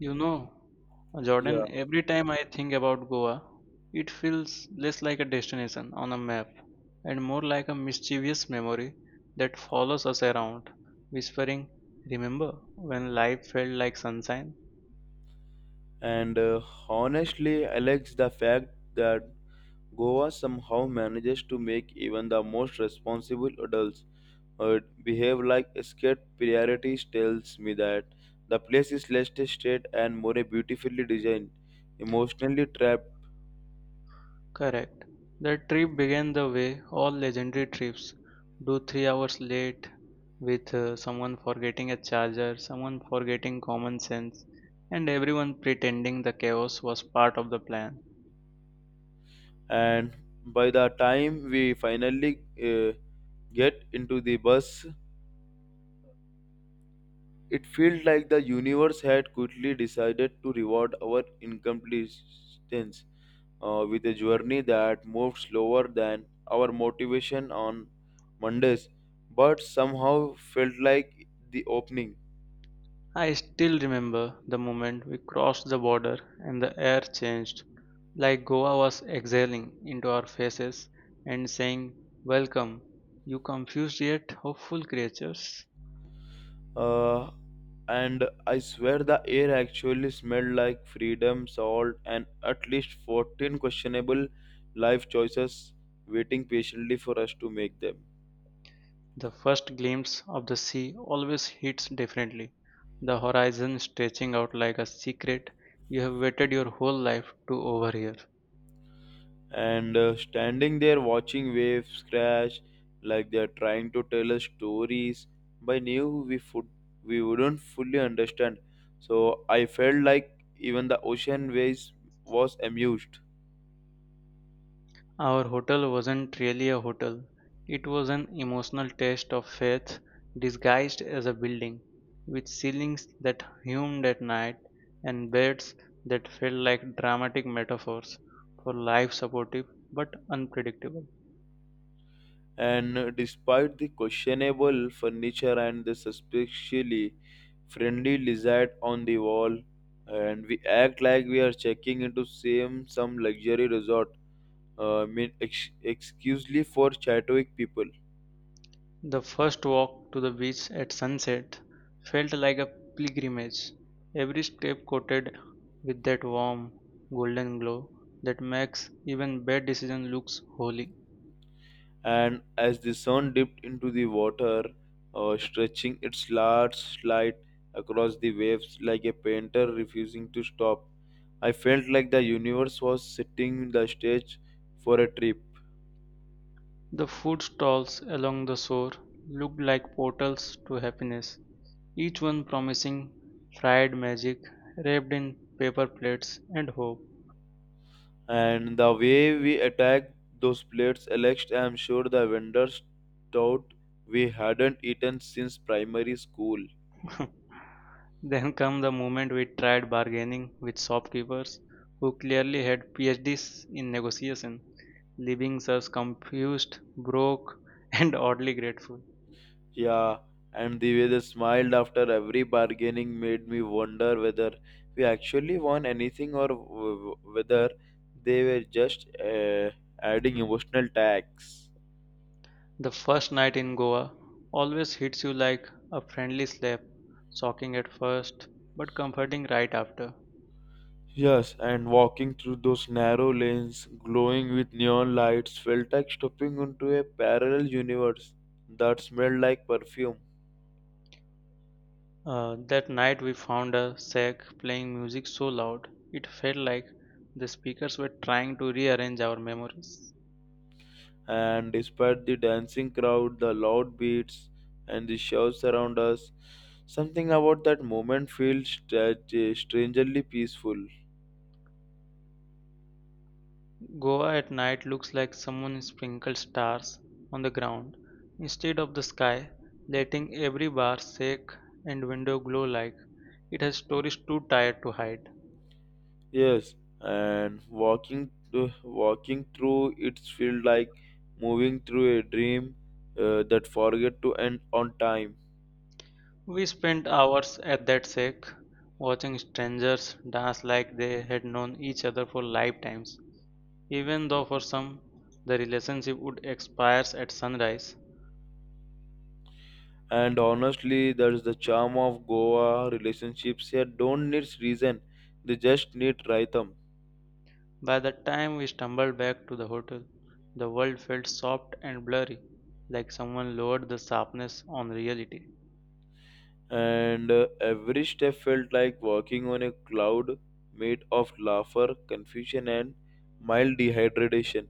You know, Yeah, Jordan, every time I think about Goa, it feels less like a destination on a map and more like a mischievous memory that follows us around, whispering, Remember when life felt like sunshine? and honestly, Alex, the fact that Goa somehow manages to make even the most responsible adults behave like escaped priorities tells me that the place is less tested and more beautifully designed, emotionally trapped, Correct. That trip began the way all legendary trips do 3 hours late, with someone forgetting a charger, someone forgetting common sense, and everyone pretending the chaos was part of the plan. and by the time we finally get into the bus, it feels like the universe had quickly decided to reward our incompleteness with a journey that moved slower than our motivation on Mondays, but somehow felt like the opening. I still remember the moment we crossed the border and the air changed, like Goa was exhaling into our faces and saying, Welcome, you confused yet hopeful creatures. Uh, and I swear the air actually smelled like freedom, salt, and at least 14 questionable life choices waiting patiently for us to make them. The first glimpse of the sea always hits differently, the horizon stretching out like a secret you have waited your whole life to overhear. And Standing there watching waves crash like they're trying to tell us stories by new we food we wouldn't fully understand, so I felt like even the ocean waves was amused. Our hotel wasn't really a hotel, it was an emotional test of faith disguised as a building, with ceilings that hummed at night and beds that felt like dramatic metaphors for life supportive but unpredictable. And Despite the questionable furniture and the suspiciously friendly lizard on the wall, and we act like we are checking into same some luxury resort, I mean excusely for Chadwick people. The first walk to the beach at sunset felt like a pilgrimage, every step coated with that warm golden glow that makes even bad decision looks holy. And as the sun dipped into the water, stretching its large light across the waves like a painter refusing to stop, I felt like the universe was setting the stage for a trip. The food stalls along the shore looked like portals to happiness, each one promising fried magic wrapped in paper plates and hope. And the way we attacked those plates, Alex, I am sure the vendors thought we hadn't eaten since primary school. Then come the moment we tried bargaining with shopkeepers who clearly had PhDs in negotiation, leaving us confused, broke, and oddly grateful. Yeah, and the way they smiled after every bargaining made me wonder whether we actually won anything or whether they were just adding emotional tax. The first night in Goa always hits you like a friendly slap, shocking at first but comforting right after. Yes, and walking through those narrow lanes glowing with neon lights felt like stepping into a parallel universe that smelled like perfume. That night we found a shack playing music so loud it felt like the speakers were trying to rearrange our memories. And despite the dancing crowd, the loud beats, and the shouts around us, something about that moment feels strangely peaceful. Goa at night looks like someone sprinkled stars on the ground instead of the sky, letting every bar, shack, and window glow like it has stories too tired to hide. Yes, and walking through it feels like moving through a dream that forget to end on time. We spent hours at that shack watching strangers dance like they had known each other for lifetimes. Even though for some the relationship would expire at sunrise, And honestly, that's the charm of Goa. Relationships here don't need reason; they just need rhythm. by the time we stumbled back to the hotel, the world felt soft and blurry, like someone lowered the sharpness on reality. And Every step felt like walking on a cloud made of laughter, confusion, and mild dehydration.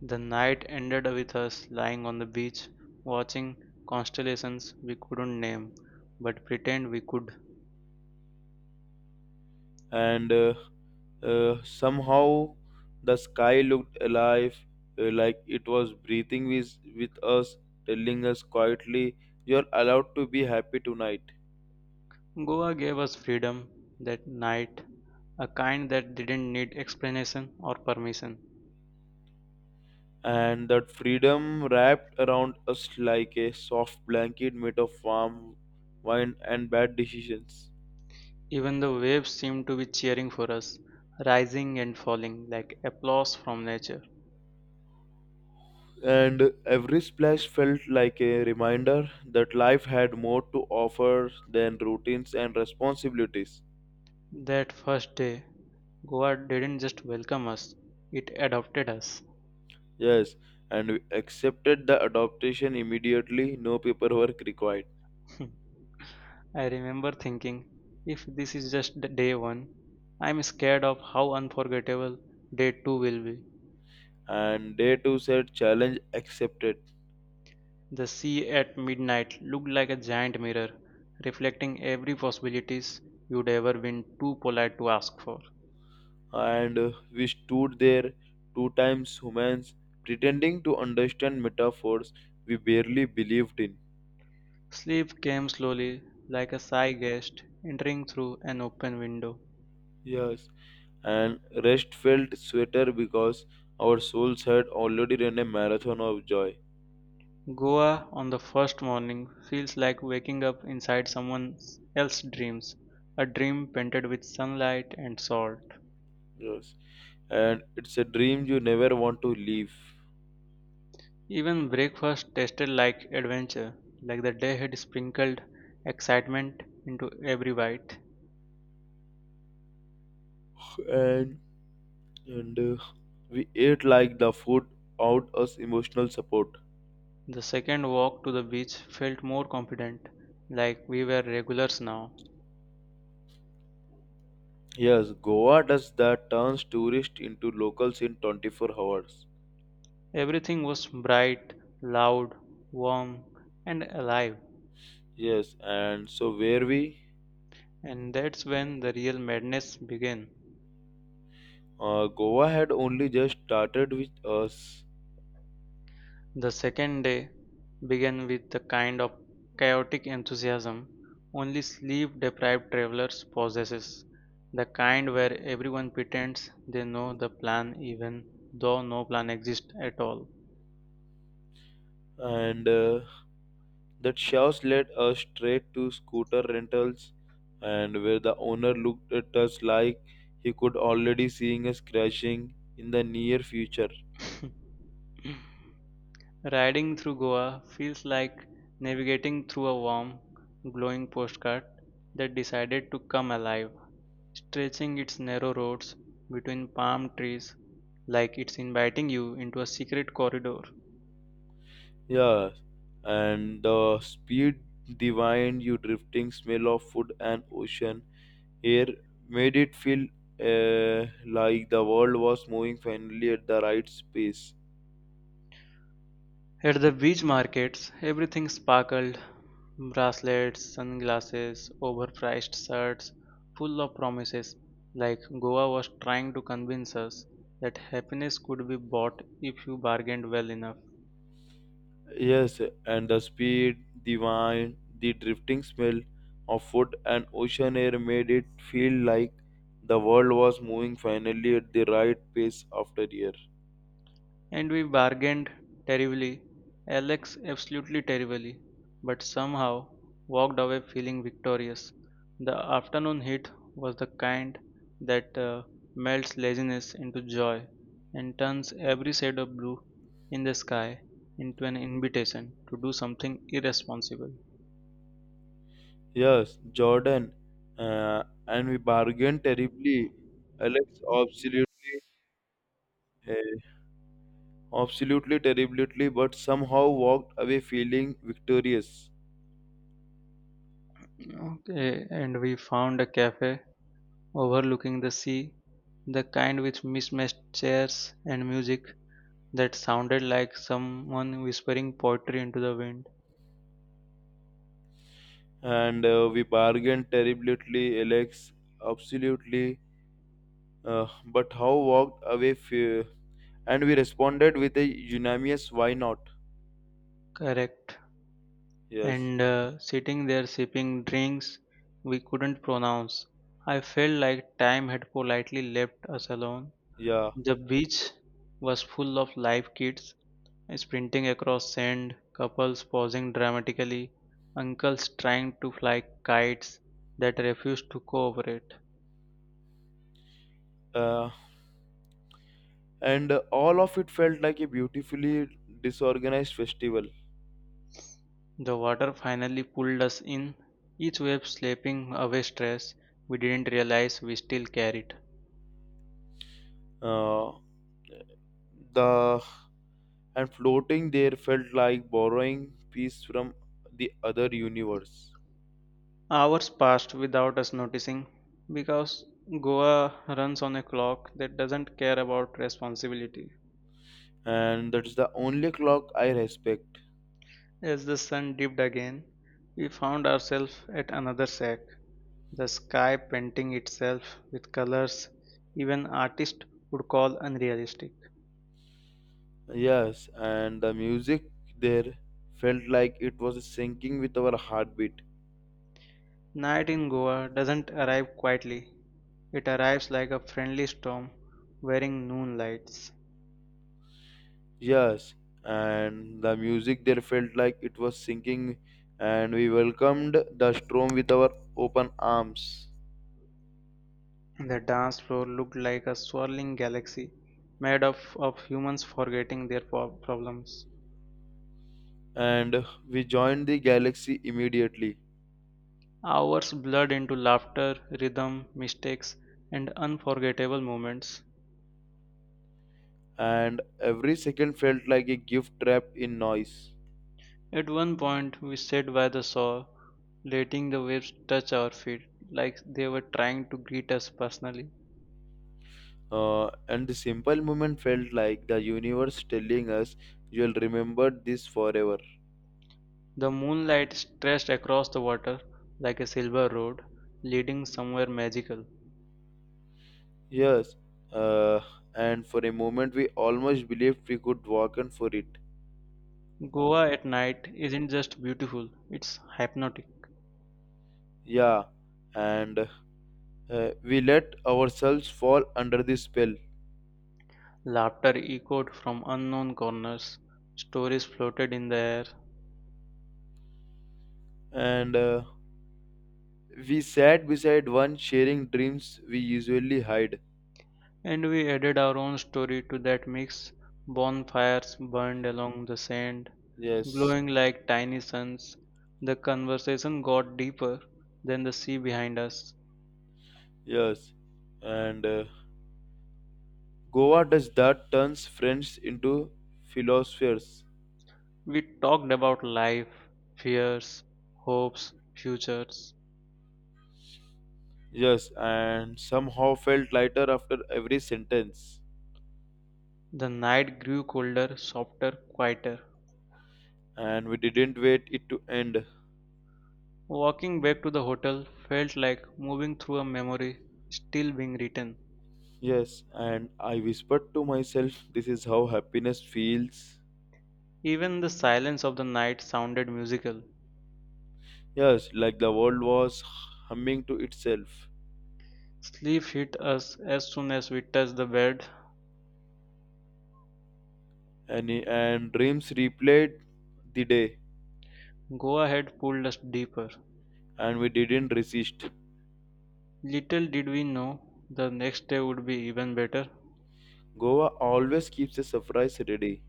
The night ended with us lying on the beach, watching constellations we couldn't name, but pretend we could. And Somehow the sky looked alive, like it was breathing with us, telling us quietly, "You're allowed to be happy tonight." Goa gave us freedom that night, a kind that didn't need explanation or permission. And that freedom wrapped around us like a soft blanket made of warm wine and bad decisions. Even the waves seemed to be cheering for us, rising and falling like applause from nature. And every splash felt like a reminder that life had more to offer than routines and responsibilities. That first day, Goa didn't just welcome us, it adopted us. Yes, and we accepted the adoption immediately, no paperwork required. I remember thinking, if this is just the day one, I'm scared of how unforgettable day two will be. And day two said challenge accepted. The sea at midnight looked like a giant mirror, reflecting every possibilities you'd ever been too polite to ask for. And We stood there, two times humans, pretending to understand metaphors we barely believed in. Sleep came slowly, like a sigh guest entering through an open window. Yes, and rest felt sweeter because our souls had already run a marathon of joy. Goa on the first morning feels like waking up inside someone else's dreams, a dream painted with sunlight and salt. Yes, and it's a dream you never want to leave. Even breakfast tasted like adventure, like the day had sprinkled excitement into every bite. And and We ate like the food out us emotional support. The second walk to the beach felt more confident, like we were regulars now. Yes, Goa does that, turns tourists into locals in 24 hours. Everything was bright, loud, warm, and alive. Yes, and so where we? And that's when the real madness began. Goa had only just started with us, The second day began with a kind of chaotic enthusiasm only sleep deprived travelers possesses, the kind where everyone pretends they know the plan even though no plan exists at all. and that chaos led us straight to scooter rentals, and where the owner looked at us like he could already seeing us crashing in the near future. Riding through Goa feels like navigating through a warm, glowing postcard that decided to come alive, stretching its narrow roads between palm trees like it's inviting you into a secret corridor. Yeah, and the speed, the wind, you drifting smell of food and ocean air made it feel like the world was moving finally at the right pace. At the beach markets, everything sparkled bracelets, sunglasses, overpriced shirts, full of promises, like Goa was trying to convince us that happiness could be bought if you bargained well enough. Yes, and the speed, the wine, the drifting smell of food and ocean air made it feel like the world was moving finally at the right pace after year. And we bargained terribly, Alex, absolutely terribly, but somehow walked away feeling victorious. The afternoon heat was the kind that melts laziness into joy and turns every shade of blue in the sky into an invitation to do something irresponsible. Yes, Jordan, and we bargained terribly. Alex absolutely, uh, absolutely terribly, but somehow walked away feeling victorious. Okay, and we found a cafe overlooking the sea, the kind with mismatched chairs and music that sounded like someone whispering poetry into the wind. And We bargained terribly, Alex absolutely, but how walked and we responded with a unanimous why not. Correct. Yes. And sitting there sipping drinks we couldn't pronounce, I felt like time had politely left us alone. Yeah. The beach was full of live kids sprinting across sand, couples pausing dramatically, uncles trying to fly kites that refused to cooperate. uh, and All of it felt like a beautifully disorganized festival. The water finally pulled us in, each wave slapping away stress we didn't realize we still carried. Uh, the And floating there felt like borrowing peace from the other universe. Hours passed without us noticing because Goa runs on a clock that doesn't care about responsibility. And that's the only clock I respect. As the sun dipped again, we found ourselves at another shack, the sky painting itself with colors even artists would call unrealistic. Yes, and the music there felt like it was syncing with our heartbeat. Night in Goa doesn't arrive quietly. It arrives like a friendly storm wearing noon lights. Yes, and the music there felt like it was sinking, and we welcomed the storm with our open arms. The dance floor looked like a swirling galaxy made up of humans forgetting their problems. And we joined the galaxy immediately, Hours blurred into laughter, rhythm, mistakes, and unforgettable moments. and every second felt like a gift trapped in noise. At one point, we sat by the shore, letting the waves touch our feet like they were trying to greet us personally. And the simple moment felt like the universe telling us, "You'll remember this forever." The moonlight stretched across the water like a silver road leading somewhere magical. Yes, uh, and for a moment we almost believed we could walk on for it. Goa at night isn't just beautiful, it's hypnotic. Yeah, and we let ourselves fall under the spell. Laughter echoed from unknown corners, stories floated in the air, And We sat beside one sharing dreams we usually hide. and we added our own story to that mix. Bonfires burned along the sand, Yes. glowing like tiny suns. The conversation got deeper than the sea behind us. Yes, and Goa does that, turns friends into philosophers. We talked about life, fears, hopes, futures. Yes, and somehow felt lighter after every sentence. The night grew colder, softer, quieter. And we didn't wait it to end. Walking back to the hotel felt like moving through a memory still being written. Yes, and I whispered to myself, this is how happiness feels. Even the silence of the night sounded musical. Yes, like the world was humming to itself. Sleep hit us as soon as we touched the bed. And dreams replayed the day. Go ahead pulled us deeper. And we didn't resist. Little did we know the next day would be even better. Goa always keeps a surprise ready.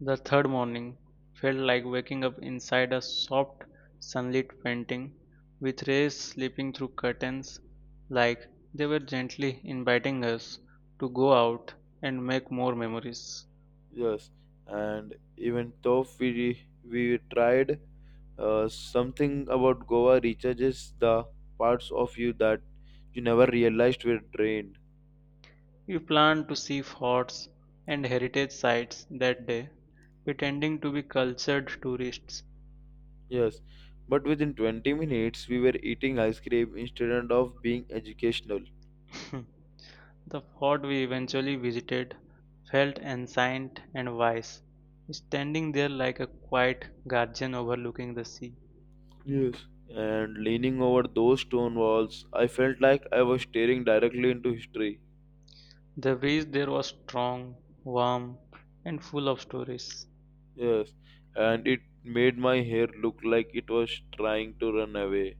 The third morning felt like waking up inside a soft sunlit painting, with rays slipping through curtains like they were gently inviting us to go out and make more memories. Yes, and even though we tried, something about Goa recharges the parts of you that you never realized were drained. We planned to see forts and heritage sites that day, pretending to be cultured tourists. Yes, but within 20 minutes we were eating ice cream instead of being educational. The fort we eventually visited felt ancient and wise, standing there like a quiet guardian overlooking the sea. Yes, and leaning over those stone walls I felt like I was staring directly into history. The breeze there was strong, warm, and full of stories. Yes, and it made my hair look like it was trying to run away.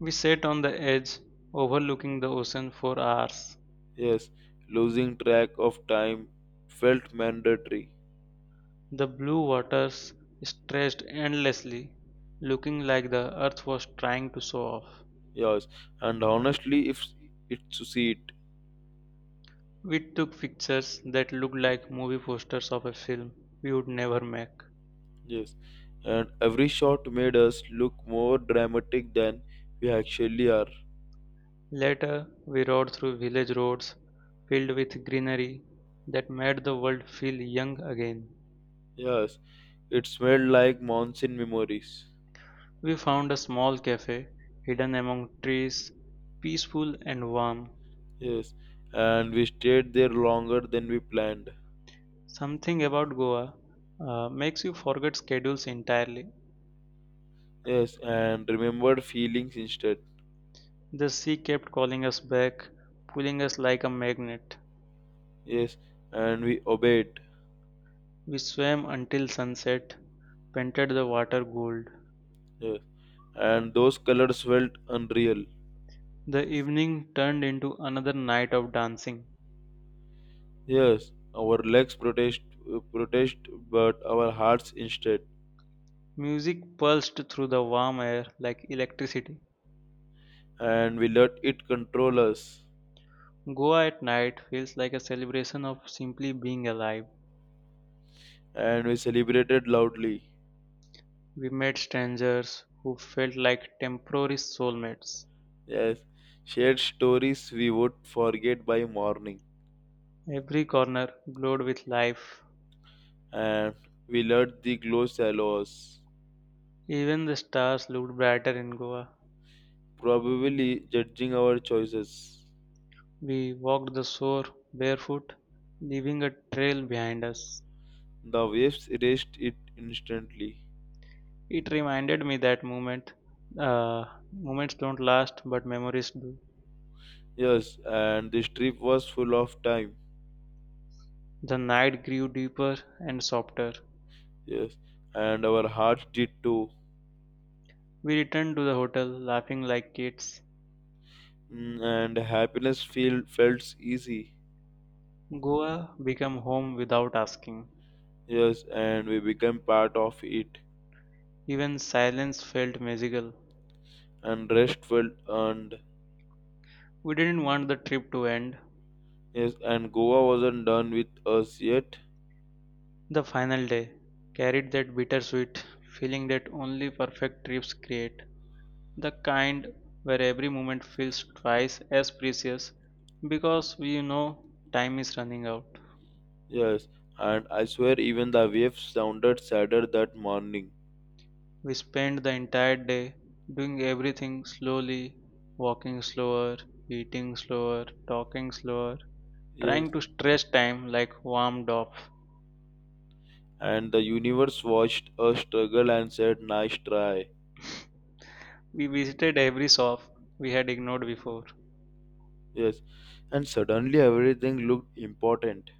We sat on the edge, overlooking the ocean for hours. Yes, losing track of time felt mandatory. The blue waters stretched endlessly, looking like the earth was trying to show off. Yes, and honestly, if it succeeded. We took pictures that looked like movie posters of a film we would never make. Yes, and every shot made us look more dramatic than we actually are. Later, we rode through village roads filled with greenery that made the world feel young again. Yes, it smelled like monsoon memories. We found a small cafe, hidden among trees, peaceful and warm. Yes, and we stayed there longer than we planned. Something about Goa makes you forget schedules entirely. Yes, and remembered feelings instead. The sea kept calling us back, pulling us like a magnet. Yes, and we obeyed. We swam until sunset, painted the water gold. Yeah. And those colors felt unreal. The evening turned into another night of dancing. Yes, our protest, but our hearts instead. Music pulsed through the warm air like electricity. And we let it control us. Goa at night feels like a celebration of simply being alive. And we celebrated loudly. We met strangers who felt like temporary soulmates. Yes, shared stories we would forget by morning. Every corner glowed with life. And we let the glow shallow us, Even the stars looked brighter in Goa. probably judging our choices. We walked the shore barefoot, leaving a trail behind us. The waves erased it instantly. It reminded me that uh, moments don't last, but memories do. Yes, and this trip was full of time. The night grew deeper and softer. Yes, and our hearts did too. We returned to the hotel laughing like kids. Mm, and felt easy. Goa became home without asking. Yes, and we became part of it. Even silence felt magical. And rest felt earned. We didn't want the trip to end. Yes, and Goa wasn't done with us yet. The final day carried that bittersweet feeling that only perfect trips create, the kind where every moment feels twice as precious because we know time is running out. Yes, and I swear even the waves sounded sadder that morning. We spent the entire day doing everything slowly, walking slower, eating slower, talking slower, Yes, trying to stretch time like warmed up. and the universe watched us struggle and said, "Nice try." We visited every shop we had ignored before. Yes, and suddenly everything looked important.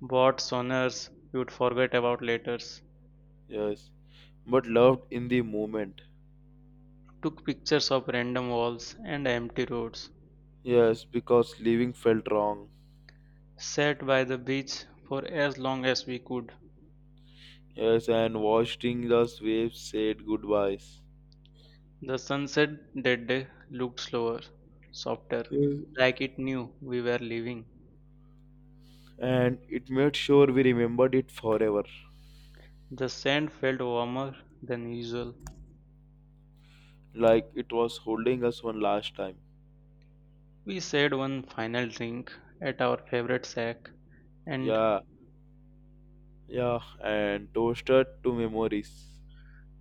Bought sonars you'd forget about later. Yes, but loved in the moment. Took pictures of random walls and empty roads. Yes, because leaving felt wrong. Sat by the beach for as long as we could. Yes, and watching the waves said goodbyes. The sunset that day looked slower, softer, Yes. like it knew we were leaving. And it made sure we remembered it forever. The sand felt warmer than usual. Like it was holding us one last time. We shared one final drink at our favorite shack, and Yeah, yeah, and toasted to memories.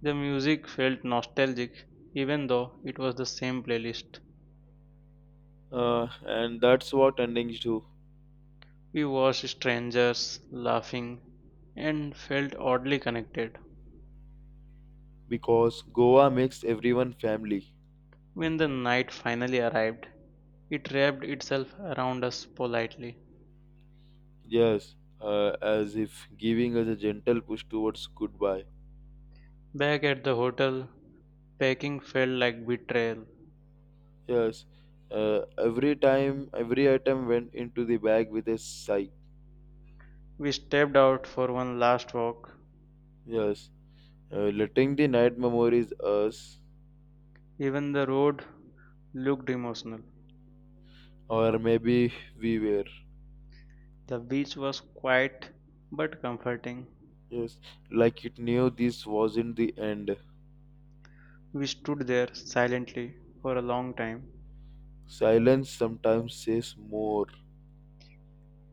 the music felt nostalgic even though it was the same playlist. And that's what endings do. We watched strangers laughing and felt oddly connected. Because Goa makes everyone family. When the night finally arrived, it wrapped itself around us politely. Yes, as if giving us a gentle push towards goodbye. Back at the hotel, packing felt like betrayal. Yes, every item went into the bag with a sigh. We stepped out for one last walk. Yes, letting the night memories us, Even the road looked emotional. or maybe we were. The beach was quiet but comforting. Yes, like it knew this wasn't the end. We stood there silently for a long time. Silence sometimes says more.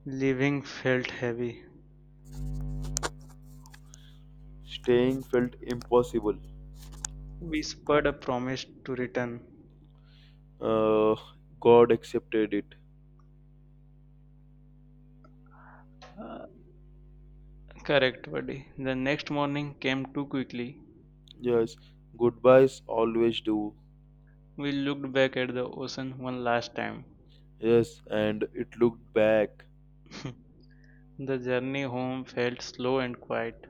Leaving felt heavy. Staying felt impossible. We spurred a promise to return. Uh, God accepted it. Uh, Correct, buddy. The next morning came too quickly. Yes, goodbyes always do. We looked back at the ocean one last time. Yes, and it looked back The journey home felt slow and quiet,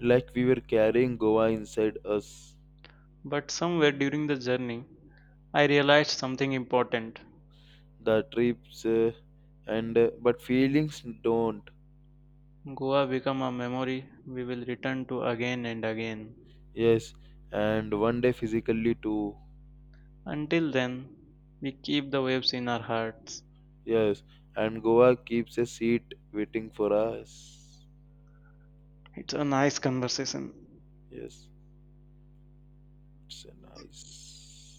like we were carrying Goa inside us. but somewhere during the journey, I realized something important. The trips and but feelings don't. Goa became a memory we will return to again and again. Yes, and one day physically too. Until then, we keep the waves in our hearts. Yes, and Goa keeps a seat waiting for us. It's a nice conversation. Yes, it's a nice.